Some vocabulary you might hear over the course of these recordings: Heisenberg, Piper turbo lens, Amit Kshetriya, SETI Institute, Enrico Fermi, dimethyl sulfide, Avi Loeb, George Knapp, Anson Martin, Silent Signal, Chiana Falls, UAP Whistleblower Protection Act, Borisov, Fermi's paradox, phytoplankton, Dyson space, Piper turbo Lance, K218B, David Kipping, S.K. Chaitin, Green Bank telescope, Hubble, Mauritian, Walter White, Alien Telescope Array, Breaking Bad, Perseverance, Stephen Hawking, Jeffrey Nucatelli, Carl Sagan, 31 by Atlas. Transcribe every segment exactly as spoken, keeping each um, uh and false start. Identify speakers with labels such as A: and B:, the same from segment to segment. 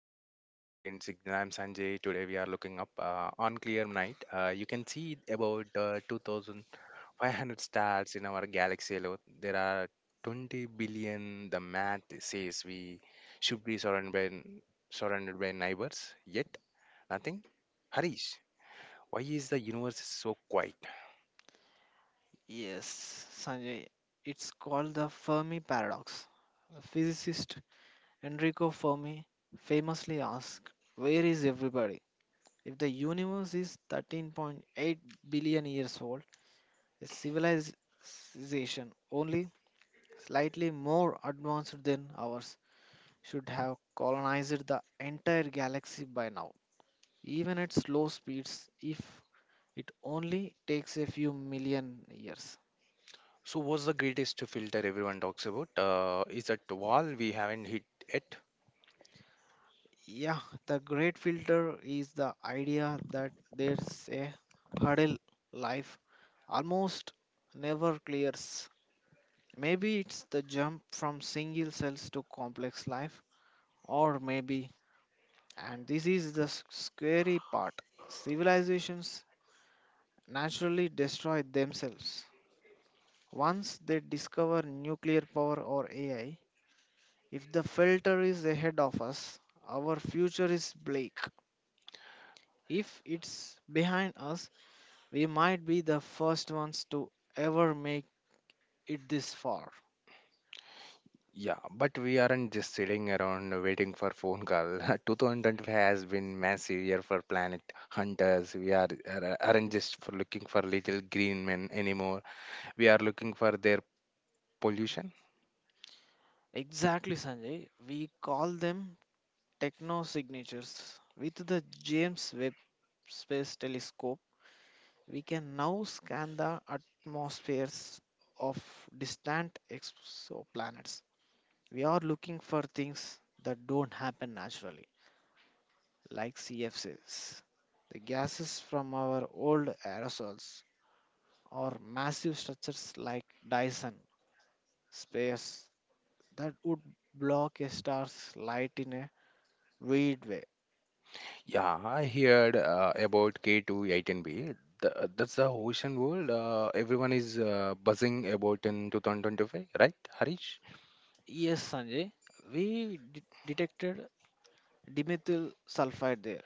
A: Uh, welcome to the Silent Signal. I'm Sanjay. Today we are looking up uh, on clear night. Uh, you can see about uh, two thousand five hundred stars in our galaxy alone. There are twenty billion. The math says we should be surrounded by surrounded by neighbors. Yet nothing. Harish, why is the universe so quiet?
B: Called the Fermi paradox. The physicist Enrico Fermi famously asked, "Where is everybody?" If the universe is thirteen point eight billion years old, a civilization only slightly more advanced than ours should have colonized the entire galaxy by now. Even at slow speeds, if it only takes a few million years.
A: So, what's the greatest filter everyone talks about? Uh, is that wall we haven't hit yet?
B: Yeah, the great filter is the idea that there's a hurdle life almost never clears. Maybe it's the jump from single cells to complex life, or maybe, and this is the s- scary part, civilizations naturally destroy themselves. Once they discover nuclear power or A I, if the filter is ahead of us, our future is bleak. If it's behind us, we might be the first ones to ever make it this far.
A: Yeah, but we aren't just sitting around waiting for phone call. two thousand twenty-five has been massive year for planet hunters. We are are- aren't just for looking for little green men anymore. We are looking for their pollution.
B: Exactly, Sanjay. We call them techno signatures. With the James Webb Space Telescope, we can now scan the atmospheres of distant exoplanets. We are looking for things that don't happen naturally, like C F Cs, the gases from our old aerosols, or massive structures like Dyson space that would block a star's light in a weird way.
A: Yeah, I heard uh, about K two one eight B. Th- That's the ocean world. Uh, everyone is uh, buzzing about in two thousand twenty-five, right, Harish?
B: Yes, Sanjay, we de- detected dimethyl sulfide there.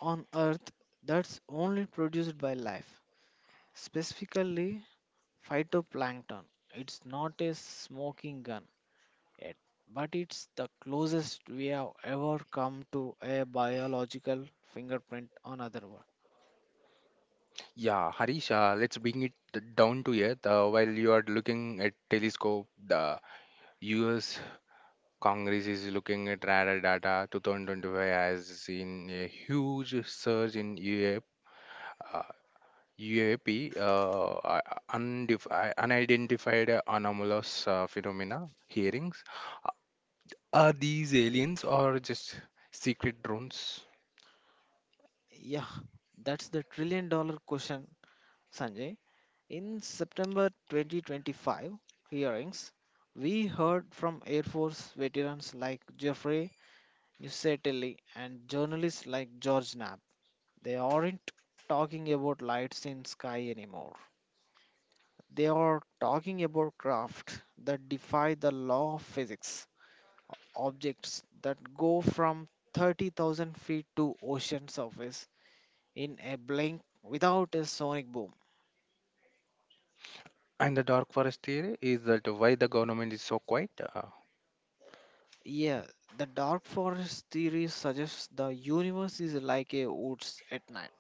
B: On Earth, that's only produced by life, specifically phytoplankton. It's not a smoking gun yet, but it's the closest we have ever come to a biological fingerprint on other world.
A: Yeah, Harish, uh, let's bring it down to earth. Uh, while you are looking at telescope, the U S Congress is looking at radar data. twenty twenty-five has seen a huge surge in U A P, uh, U A P uh, uh, undefi- uh, unidentified anomalous uh, phenomena hearings. Uh, Are these aliens or just secret drones?
B: Yeah, that's the trillion dollar question, Sanjay. In September twenty twenty-five hearings, we heard from Air Force veterans like Jeffrey Nusatelli and journalists like George Knapp. They aren't talking about lights in sky anymore. They are talking about craft that defy the law of physics, objects that go from thirty thousand feet to ocean surface in a blink without a sonic boom.
A: And the dark forest theory is that why the government is so quiet. Uh,
B: Yeah, the dark forest theory suggests the universe is like a woods at night.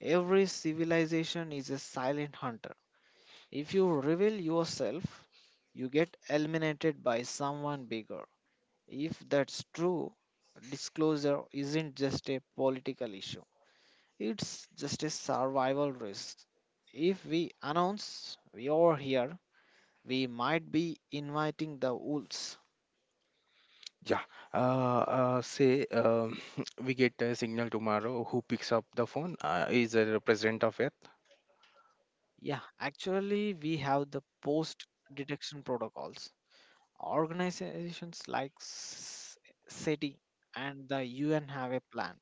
B: Every civilization is a silent hunter. If you reveal yourself, you get eliminated by someone bigger. If that's true, disclosure isn't just a political issue, it's just a survival risk. If we announce we are here, we might be inviting the wolves.
A: Yeah, uh, uh, say um we get a signal tomorrow. Who picks up the phone? Uh, is there a president of Earth?
B: Yeah, actually, we have the post detection protocols. Organizations like S- SETI and the U N have a plan.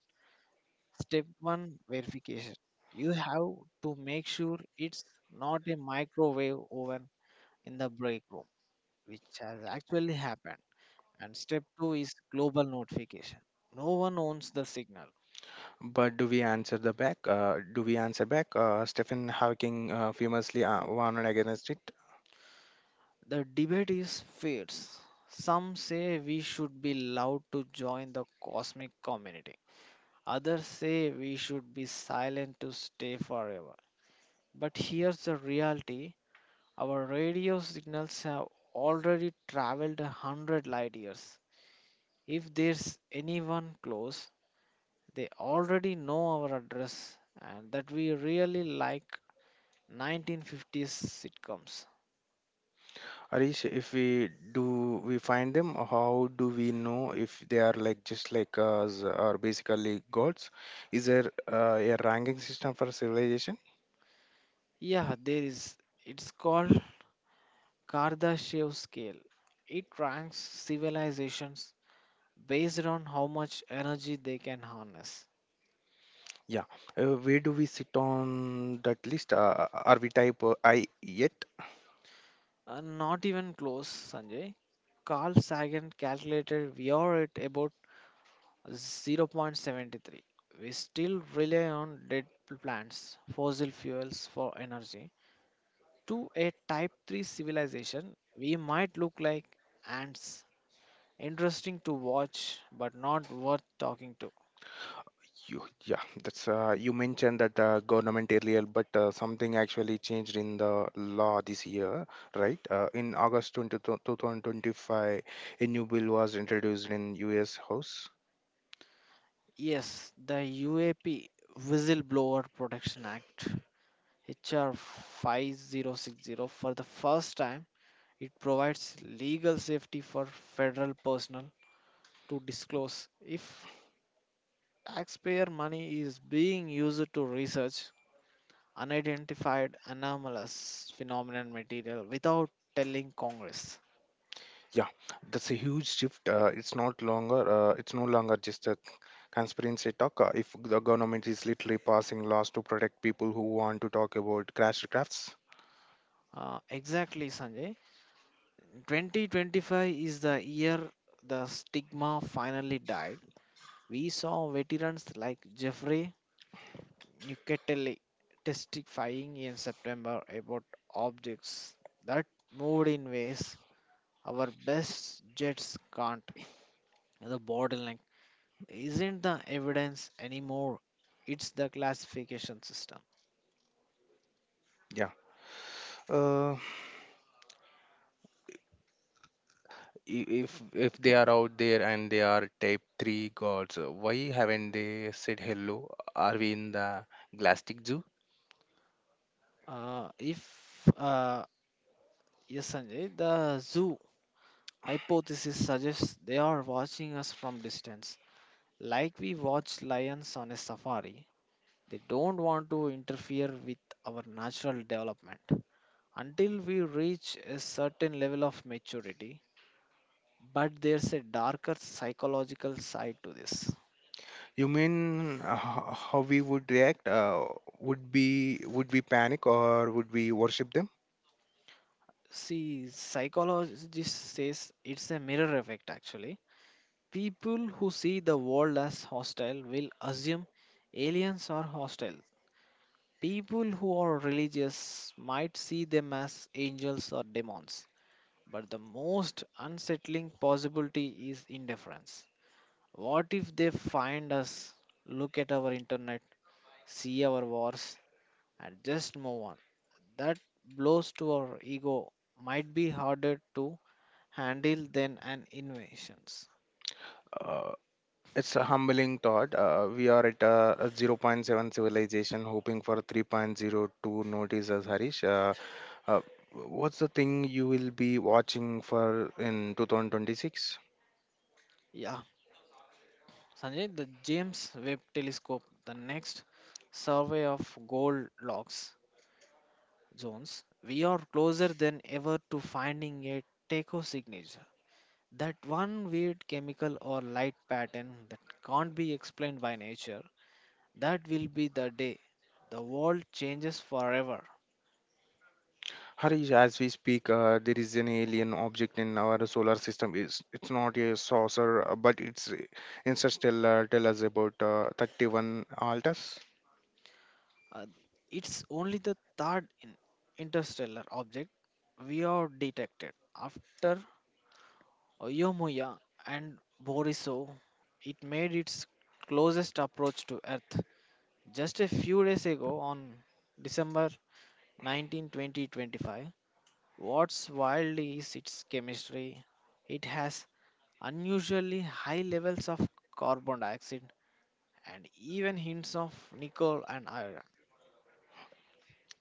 B: Step one verification. You have to make sure it's not a microwave oven in the break room, which has actually happened. And step two is global notification. No one owns the signal.
A: But do we answer the back? Uh, do we answer back? Uh, Stephen Hawking uh, famously uh, warned against it.
B: The debate is fierce. Some say we should be allowed to join the cosmic community. Others say we should be silent to stay forever. But here's the reality: our radio signals have already traveled a hundred light years. If there's anyone close, they already know our address and that we really like nineteen fifties sitcoms.
A: Arish, if we do, we find them. How do we know if they are like just like us or basically gods? Is there uh, a ranking system for civilization?
B: Yeah, there is. It's called Kardashev scale. It ranks civilizations based on how much energy they can harness.
A: Yeah. Uh, where do we sit on that list? Uh, are we type uh, I yet?
B: Uh, not even close, Sanjay. Carl Sagan calculated we are at about zero point seven three. We still rely on dead plants, fossil fuels for energy. To a type three civilization, we might look like ants. Interesting to watch, but not worth talking to.
A: You, yeah, that's uh, you mentioned that uh, government earlier, but uh, something actually changed in the law this year, right? Uh, in August twentieth, twenty twenty-five, a new bill was introduced in U S. House.
B: Yes, the U A P Whistleblower Protection Act, H R five oh six oh, for the first time. It provides legal safety for federal personnel to disclose if taxpayer money is being used to research unidentified anomalous phenomenon material without telling Congress.
A: Yeah, that's a huge shift. Uh, it's not longer, uh, it's no longer just a conspiracy talk. Uh, if the government is literally passing laws to protect people who want to talk about crash crafts.
B: Uh, exactly, Sanjay. twenty twenty-five is the year the stigma finally died. We saw veterans like Jeffrey Nucatelli testifying in September about objects that moved in ways our best jets can't. The bottleneck isn't the evidence anymore, it's the classification system.
A: Yeah. Uh, i- if if they are out there and they are type three gods, uh, why haven't they said hello? Are we in the galactic zoo?
B: Uh, if, uh, yes, Sanjay, the zoo hypothesis suggests they are watching us from distance, like we watch lions on a safari. They don't want to interfere with our natural development until we reach a certain level of maturity. But there's a darker psychological side to this.
A: You mean uh, h- how we would react? Uh, would be would we panic or would we worship them?
B: See, psychologist says it's a mirror effect actually. People who see the world as hostile will assume aliens are hostile. People who are religious might see them as angels or demons. But the most unsettling possibility is indifference. What if they find us, look at our internet, see our wars, and just move on? That blows to our ego might be harder to handle than an invasions.
A: uh, it's a humbling thought. Uh, we are at a, a zero point zero point seven civilization hoping for 3.0 to notice us, Harish. uh, uh, what's the thing you will be watching for in two thousand twenty-six?
B: Yeah, Sanjay, the James Webb Telescope, the next survey of Goldilocks zones, we are closer than ever to finding a teco signature. That one weird chemical or light pattern that can't be explained by nature, that will be the day the world changes forever.
A: Harish, as we speak, uh, there is an alien object in our solar system. It's, it's not a saucer, uh, but it's uh, interstellar. Tell us about uh, thirty-one Altus.
B: Uh, it's only the third in- interstellar object we have detected after Yomuya and Borisov. It made its closest approach to Earth just a few days ago, on December nineteenth, twenty twenty-five. What's wild is its chemistry. It has unusually high levels of carbon dioxide and even hints of nickel and iron.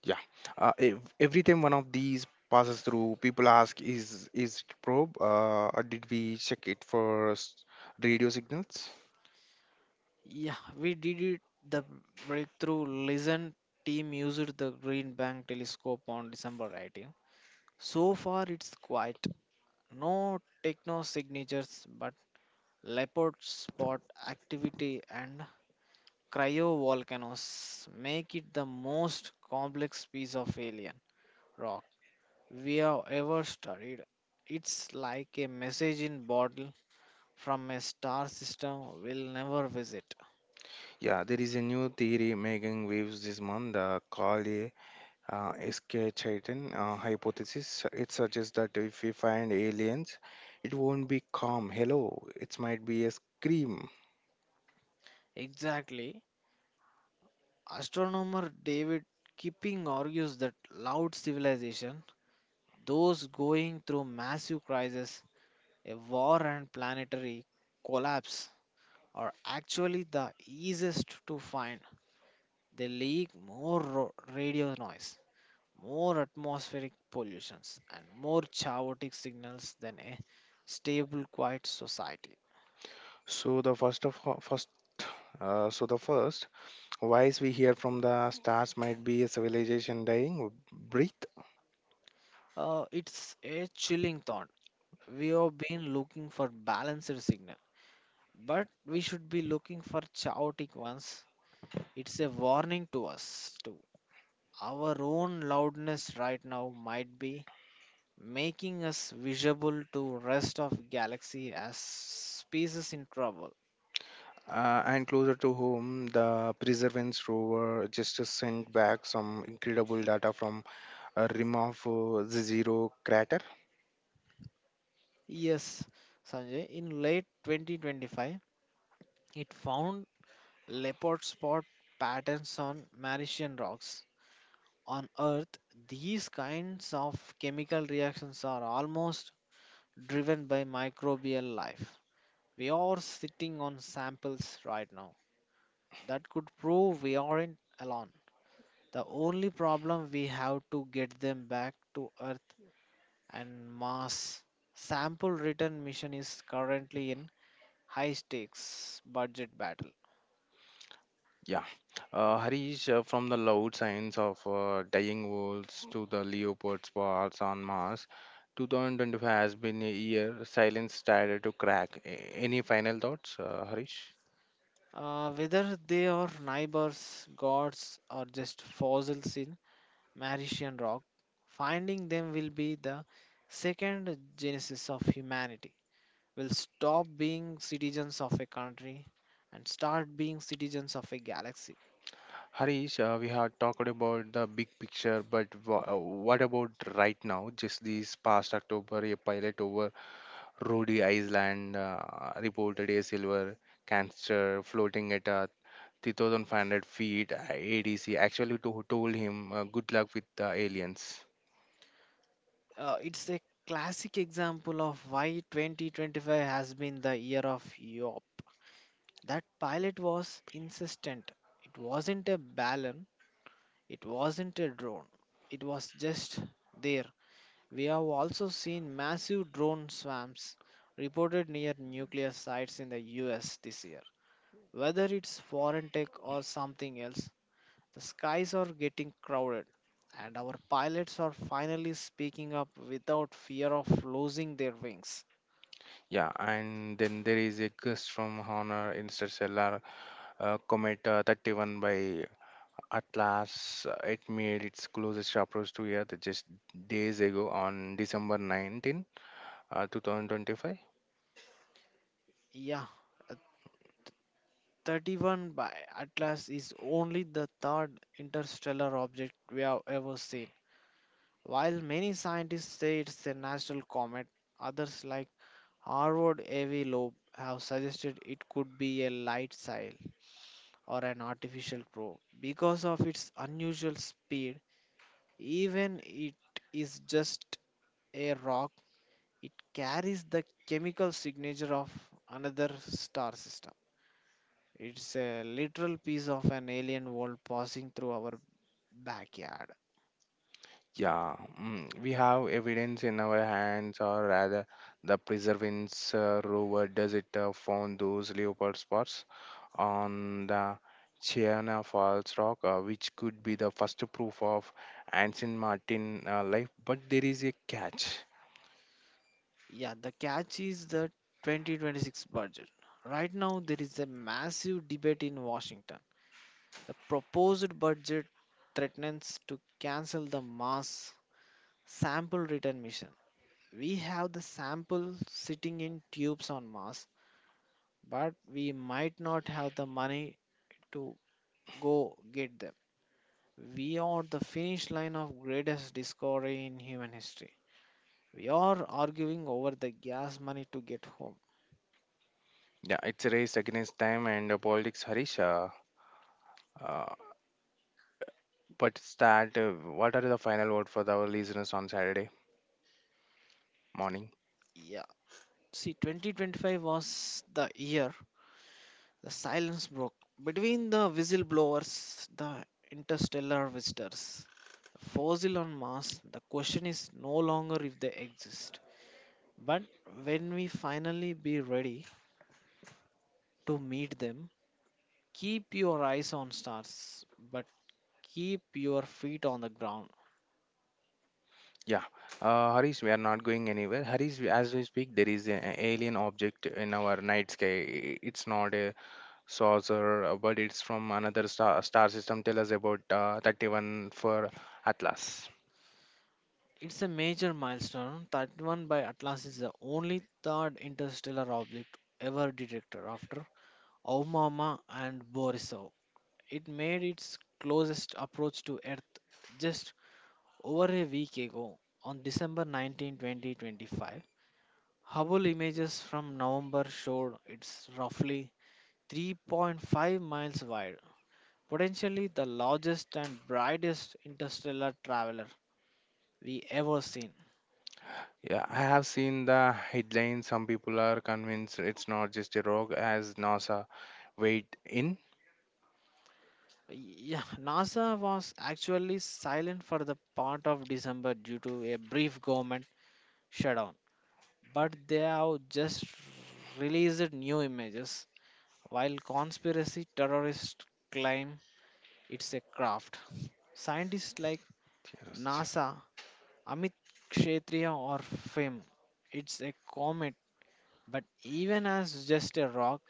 A: Yeah. Uh, ev- every time one of these passes through, people ask, is is it probe? Uh, or did we check it for s- radio signals?
B: Yeah, we did it. The breakthrough L I S N team used the Green Bank telescope on December eighteenth. So far, it's quite. No techno signatures, but leopard spot activity and cryovolcanoes make it the most complex piece of alien rock we have ever studied. It's like a message in bottle from a star system we'll never visit.
A: Yeah, there is a new theory making waves this month uh, called a uh, S K. Chaitin uh, hypothesis. It suggests that if we find aliens, it won't be calm. Hello, it might be a scream.
B: Exactly. Astronomer David Kipping argues that loud civilization, those going through massive crisis, a war and planetary collapse are actually the easiest to find. They leak more ro- radio noise, more atmospheric pollutions, and more chaotic signals than a stable, quiet society.
A: So the first of first, uh, so the first voice we hear from the stars might be a civilization dying. Breathe.
B: Uh, it's a chilling thought. We have been looking for balanced signal, but we should be looking for chaotic ones. It's a warning to us too. Our own loudness right now might be making us visible to rest of galaxy as species in trouble.
A: Uh, and closer to home, the Perseverance rover just sent back some incredible data from a rim of uh, the zero crater.
B: Yes, Sanjay, in late twenty twenty-five, it found leopard spot patterns on Mauritian rocks. On Earth, these kinds of chemical reactions are almost driven by microbial life. We are sitting on samples right now that could prove we aren't alone. The only problem we have to get them back to Earth and mass sample return mission is currently in high stakes budget battle.
A: Yeah, uh, Harish, uh, from the loud signs of uh, dying wolves to the leopard's wars on Mars, twenty twenty-five has been a year silence started to crack. A- Any final thoughts, uh, Harish?
B: Uh, whether they are neighbors, gods, or just fossils in Mauritian rock, finding them will be the second genesis of humanity. We'll stop being citizens of a country and start being citizens of a galaxy.
A: Harish, uh, we have talked about the big picture, but wha- uh, what about right now? Just this past October, a pilot over Rhode Island uh, reported a silver canister floating at uh, three thousand five hundred feet. uh, A D C actually to, told him, uh, "Good luck with the aliens."
B: Uh, it's a classic example of why twenty twenty-five has been the year of Europe. That pilot was insistent. It wasn't a balloon, it wasn't a drone, it was just there. We have also seen massive drone swarms reported near nuclear sites in the U S this year. Whether it's foreign tech or something else, the skies are getting crowded, and our pilots are finally speaking up without fear of losing their wings.
A: Yeah, and then there is a gust from Honor Interstellar uh, Comet uh, thirty-one by Atlas. Uh, It made its closest approach to Earth just days ago on December nineteenth, uh, twenty twenty-five.
B: Yeah, thirty-one by Atlas is only the third interstellar object we have ever seen. While many scientists say it's a natural comet, others like Harvard Avi Loeb have suggested it could be a light sail or an artificial probe. Because of its unusual speed, even it is just a rock, it carries the chemical signature of another star system. It's a literal piece of an alien world passing through our backyard.
A: Yeah, mm, we have evidence in our hands, or rather, the Perseverance uh, rover does it uh, found those Leopard spots on the Chiana Falls rock, uh, which could be the first proof of Anson Martin uh, life. But there is a catch.
B: Yeah, the catch is the twenty twenty-six budget. Right now, there is a massive debate in Washington. The proposed budget threatens to cancel the Mars sample return mission. We have the sample sitting in tubes on Mars, but we might not have the money to go get them. We are the finish line of greatest discovery in human history. We are arguing over the gas money to get home.
A: Yeah, it's a race against time and uh, politics, Harish. Uh, uh, but it's that, uh, what are the final word for our listeners on Saturday morning?
B: Yeah. See, twenty twenty-five was the year the silence broke between the whistleblowers, the interstellar visitors, the fossil on Mars. The question is no longer if they exist, but when we finally be ready to meet them. Keep your eyes on stars, but keep your feet on the ground.
A: Yeah, uh, Harish, we are not going anywhere. Harish, as we speak, there is an alien object in our night sky. It's not a saucer, uh, but it's from another star star system. Tell us about uh, thirty-one for Atlas.
B: It's a major milestone. thirty-one by Atlas is the only third interstellar object ever detected after Aumama and Borisov. It made its closest approach to Earth just over a week ago on December nineteenth, twenty twenty-five. Hubble images from November showed it's roughly three point five miles wide, potentially the largest and brightest interstellar traveler we ever seen.
A: Yeah, I have seen the headline. Some people are convinced it's not just a rock, as NASA weighed in.
B: Yeah, NASA was actually silent for the part of December due to a brief government shutdown, but they have just released new images. While conspiracy terrorists claim it's a craft, scientists like
A: Yes.
B: NASA, Amit Kshetriya, or F I M, it's a comet, but even as just a rock,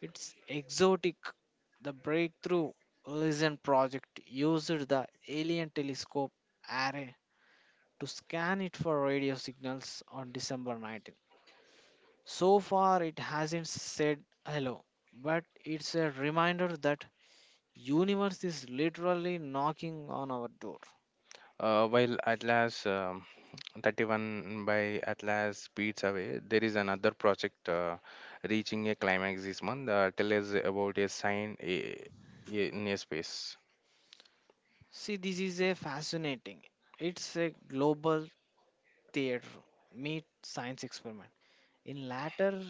B: it's exotic. The breakthrough L I S N project used the Alien Telescope Array to scan it for radio signals on December nineteenth. So far, it hasn't said hello, but it's a reminder that universe is literally knocking on our door.
A: Uh, while Atlas um, thirty-one by Atlas speeds away, there is another project uh, reaching a climax this month. Uh, tell us about a sign i- i- in a space.
B: See, this is a fascinating. It's a global theater meet science experiment. In latter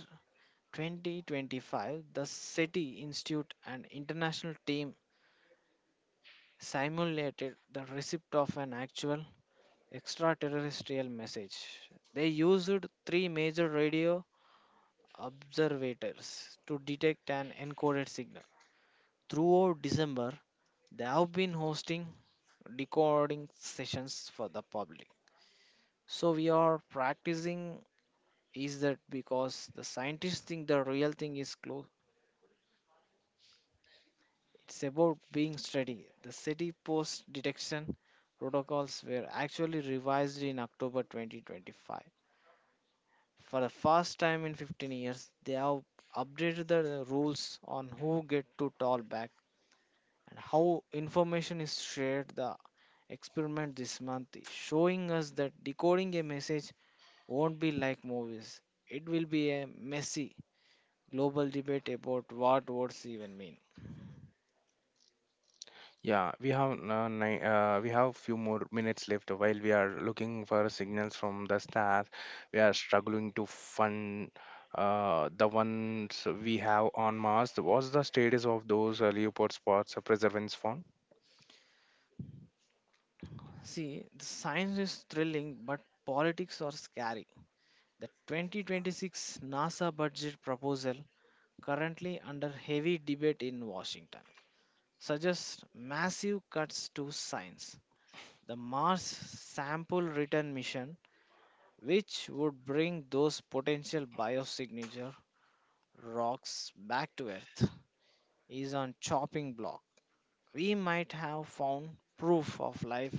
B: twenty twenty-five, the SETI Institute and international team simulated the receipt of an actual extraterrestrial message. They used three major radio observators to detect an encoded signal. Throughout December, they have been hosting decoding sessions for the public. So we are practicing is that because the scientists think the real thing is close. It's about being steady. The SETI post detection protocols were actually revised in October twenty twenty-five. For the first time in fifteen years, they have updated the rules on who get to tollback and how information is shared. The experiment this month is showing us that decoding a message won't be like movies. It will be a messy global debate about what words even mean.
A: Yeah, we have uh, ni- uh, we have few more minutes left while we are looking for signals from the stars. We are struggling to fund uh, the ones we have on Mars. What's the status of those uh, Leopard spots uh, preservance found?
B: See, the science is thrilling, but politics are scary. The twenty twenty-six NASA budget proposal, currently under heavy debate in Washington, suggests massive cuts to science. The Mars sample return mission, which would bring those potential biosignature rocks back to Earth, is on chopping block. We might have found proof of life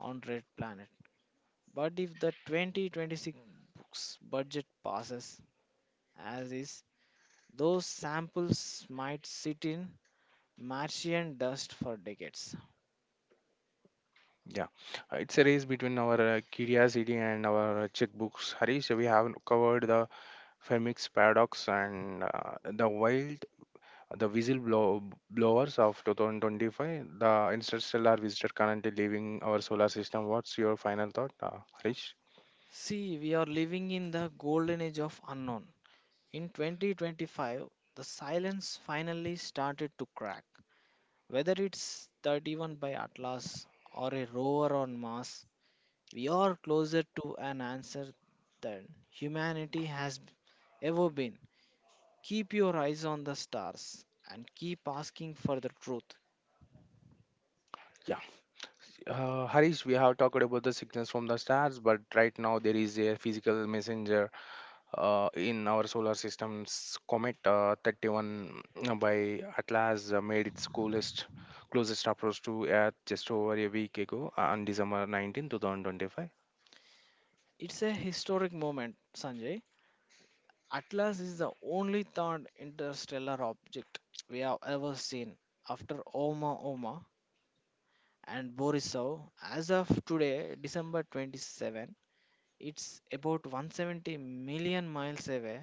B: on red planet. But if the twenty twenty-six books budget passes as is, those samples might sit in Martian dust for decades.
A: Yeah, Uh, it's a race between our uh, curiosity and our uh, checkbooks. Harish, we have covered the Fermi's paradox and uh, the wild the whistle blow, blowers of two thousand twenty-five, the interstellar visitor currently leaving our solar system. What's your final thought, uh, Harish?
B: See, we are living in the golden age of unknown. In twenty twenty-five, the silence finally started to crack. Whether it's thirty-one by Atlas or a rover on Mars, we are closer to an answer than humanity has ever been. Keep your eyes on the stars and keep asking for the truth.
A: Yeah, uh, Harish, we have talked about the signals from the stars, but right now there is a physical messenger uh, in our solar system's comet uh, thirty-one uh, by Atlas uh, made its coolest closest approach to Earth just over a week ago uh, on December nineteenth, twenty twenty-five.
B: It's a historic moment, Sanjay. Atlas is the only third interstellar object we have ever seen after Oma Oma and Borisov. As of today, December twenty-seventh, it's about one hundred seventy million miles away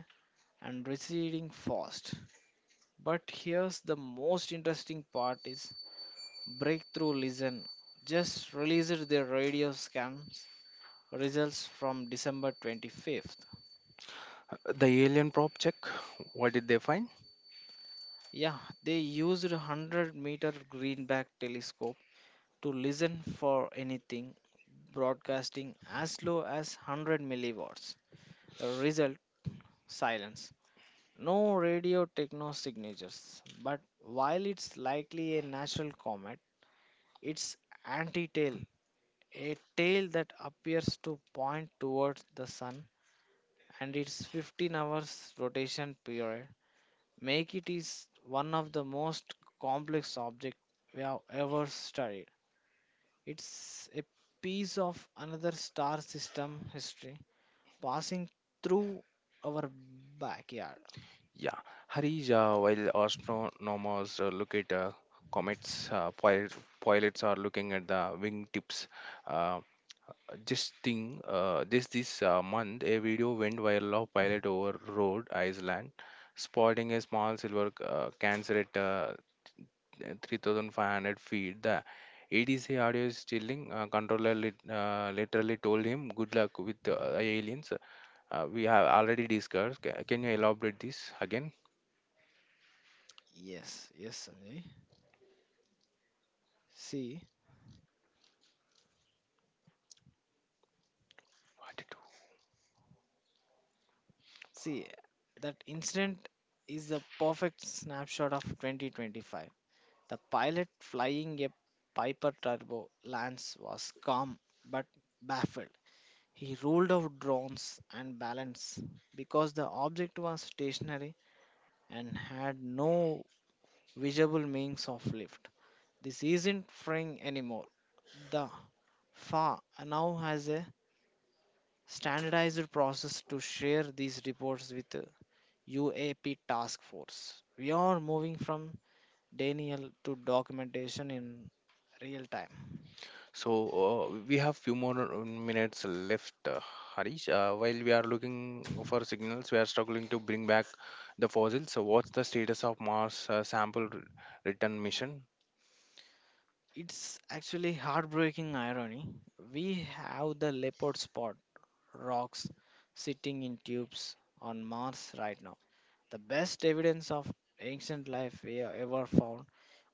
B: and receding fast. But here's the most interesting part is Breakthrough Listen just released their radio scan results from December twenty-fifth.
A: The alien probe check, what did they find?
B: Yeah, they used a one hundred meter greenback telescope to listen for anything broadcasting as low as one hundred milliwatts. The result silence. No radio techno signatures, but while it's likely a natural comet, it's anti-tail, a tail that appears to point towards the sun and its fifteen hours rotation period make it is one of the most complex objects we have ever studied. It's a piece of another star system history passing through our backyard.
A: Yeah, Harish, uh, while astronomers uh, look at uh, comets, uh, pil- pilots are looking at the wingtips. Uh, just thing, uh, this this uh, month, a video went viral of pilot over road Iceland, spotting a small silver uh, cancer at uh, three thousand five hundred feet. The A D C audio is stealing. Uh, controller lit, uh, literally told him, "Good luck with uh, aliens." Uh, we have already discussed. Ca- Can you elaborate this again?
B: Yes, yes, Sanjay. See,
A: What to
B: see, that incident is the perfect snapshot of twenty twenty-five. The pilot flying a Piper turbo Lance was calm but baffled. He ruled out drones and balance because the object was stationary and had no visible means of lift. This isn't frying anymore. The F A now has a standardized process to share these reports with the U A P task force. We are moving from denial to documentation in real time.
A: So uh, we have few more uh, minutes left, uh, Harish. Uh, while we are looking for signals, we are struggling to bring back the fossils. So what's the status of Mars uh, sample r- return mission?
B: It's actually heartbreaking irony. We have the leopard spot rocks sitting in tubes on Mars right now. The best evidence of ancient life we have ever found,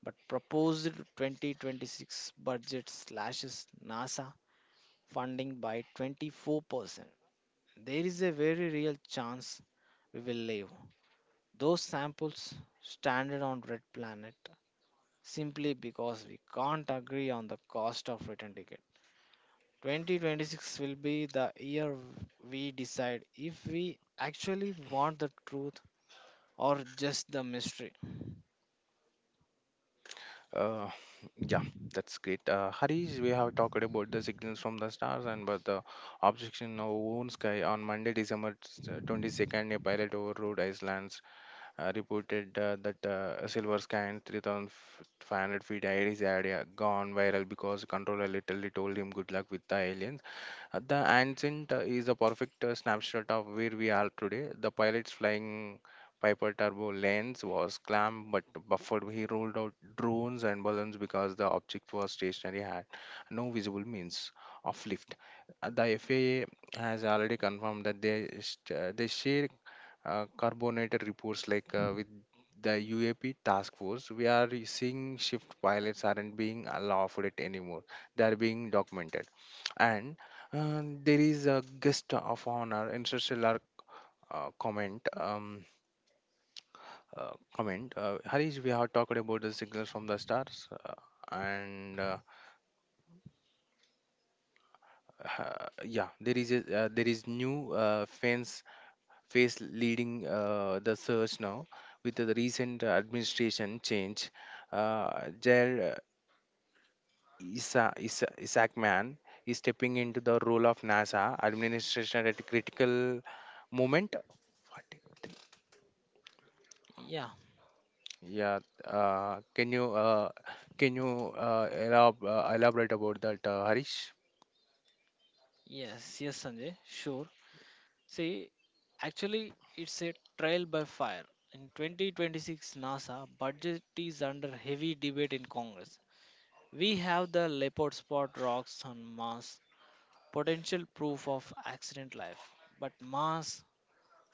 B: but proposed twenty twenty-six budget slashes NASA funding by twenty-four percent. There is a very real chance we will leave. Those samples stranded on Red Planet simply because we can't agree on the cost of return ticket. twenty twenty-six will be the year we decide if we actually want the truth or just the mystery.
A: Uh, yeah, that's great. Uh, Harish, we have talked about the signals from the stars and but the obstruction of own sky on Monday, December s- twenty-second, a pilot overrode Iceland's uh, reported uh, that uh, a silver sky and three thousand five hundred feet air is area gone viral because controller literally told him good luck with the aliens. Uh, The Ancient uh, is a perfect uh, snapshot of where we are today. The pilot's flying Piper turbo lens was clamped but buffered. He rolled out drones and balloons because the object was stationary, had no visible means of lift. Uh, The F A A has already confirmed that they, sh- uh, they share uh, carbonated reports like uh, with the U A P task force. We are seeing shift pilots aren't being allowed it anymore. They are being documented and uh, there is a guest of honor interstellar uh, comment um, uh, comment uh, Harish, we have talked about the signals from the stars uh, and uh, ha- yeah, there is a, uh, there is new uh, fence face leading uh, the search now with the recent administration change. uh, Jair uh, Isa, Isa, Isaacman is stepping into the role of NASA administration at a critical moment. What?
B: Yeah,
A: Yeah, uh, can you uh, can you uh, elab uh, elaborate about that, uh, Harish?
B: yes, yes, Sanjay, sure. See, actually, it's a trial by fire. In twenty twenty-six, NASA budget is under heavy debate in Congress. We have the leopard spot rocks on Mars, potential proof of accident life. But Mars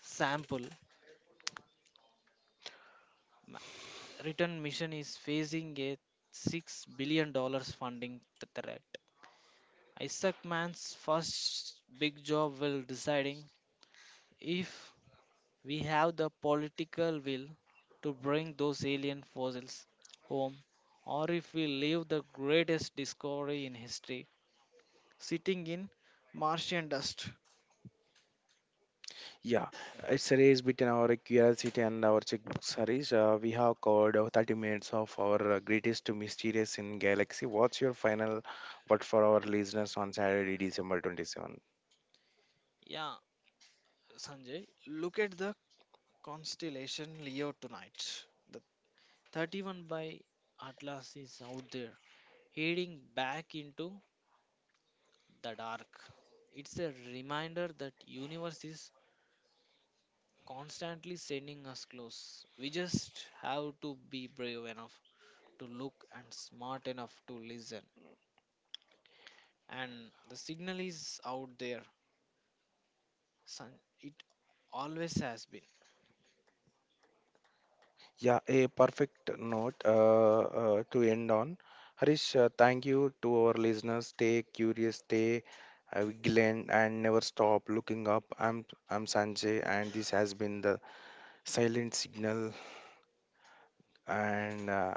B: sample ma- return mission is facing a six billion dollars funding th- threat. Isaac man's first big job will deciding if we have the political will to bring those alien fossils home, or if we leave the greatest discovery in history sitting in martian dust.
A: Yeah, it's a race between our curiosity and our checkbooks, Harish. Uh, we have covered uh, thirty minutes of our uh, greatest mysteries in galaxy. What's your final word for our listeners on Saturday, December twenty-seventh?
B: Yeah, Sanjay, look at the constellation Leo tonight. thirty-one by Atlas is out there, heading back into the dark. It's a reminder that universe is constantly sending us close. We just have to be brave enough to look and smart enough to listen. And the signal is out there. San- It always has been.
A: Yeah, a perfect note uh, uh, to end on. Harish, uh, thank you to our listeners. Stay curious, stay uh, vigilant, and never stop looking up. I'm I'm Sanjay, and this has been the Silent Signal. And uh,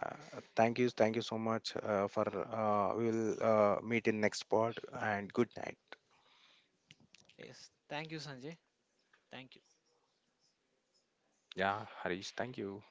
A: thank you, thank you so much uh, for. Uh, we will uh, meet in next part. And good night.
B: Yes. Thank you, Sanjay. Thank you.
A: Yeah, Harish, thank you.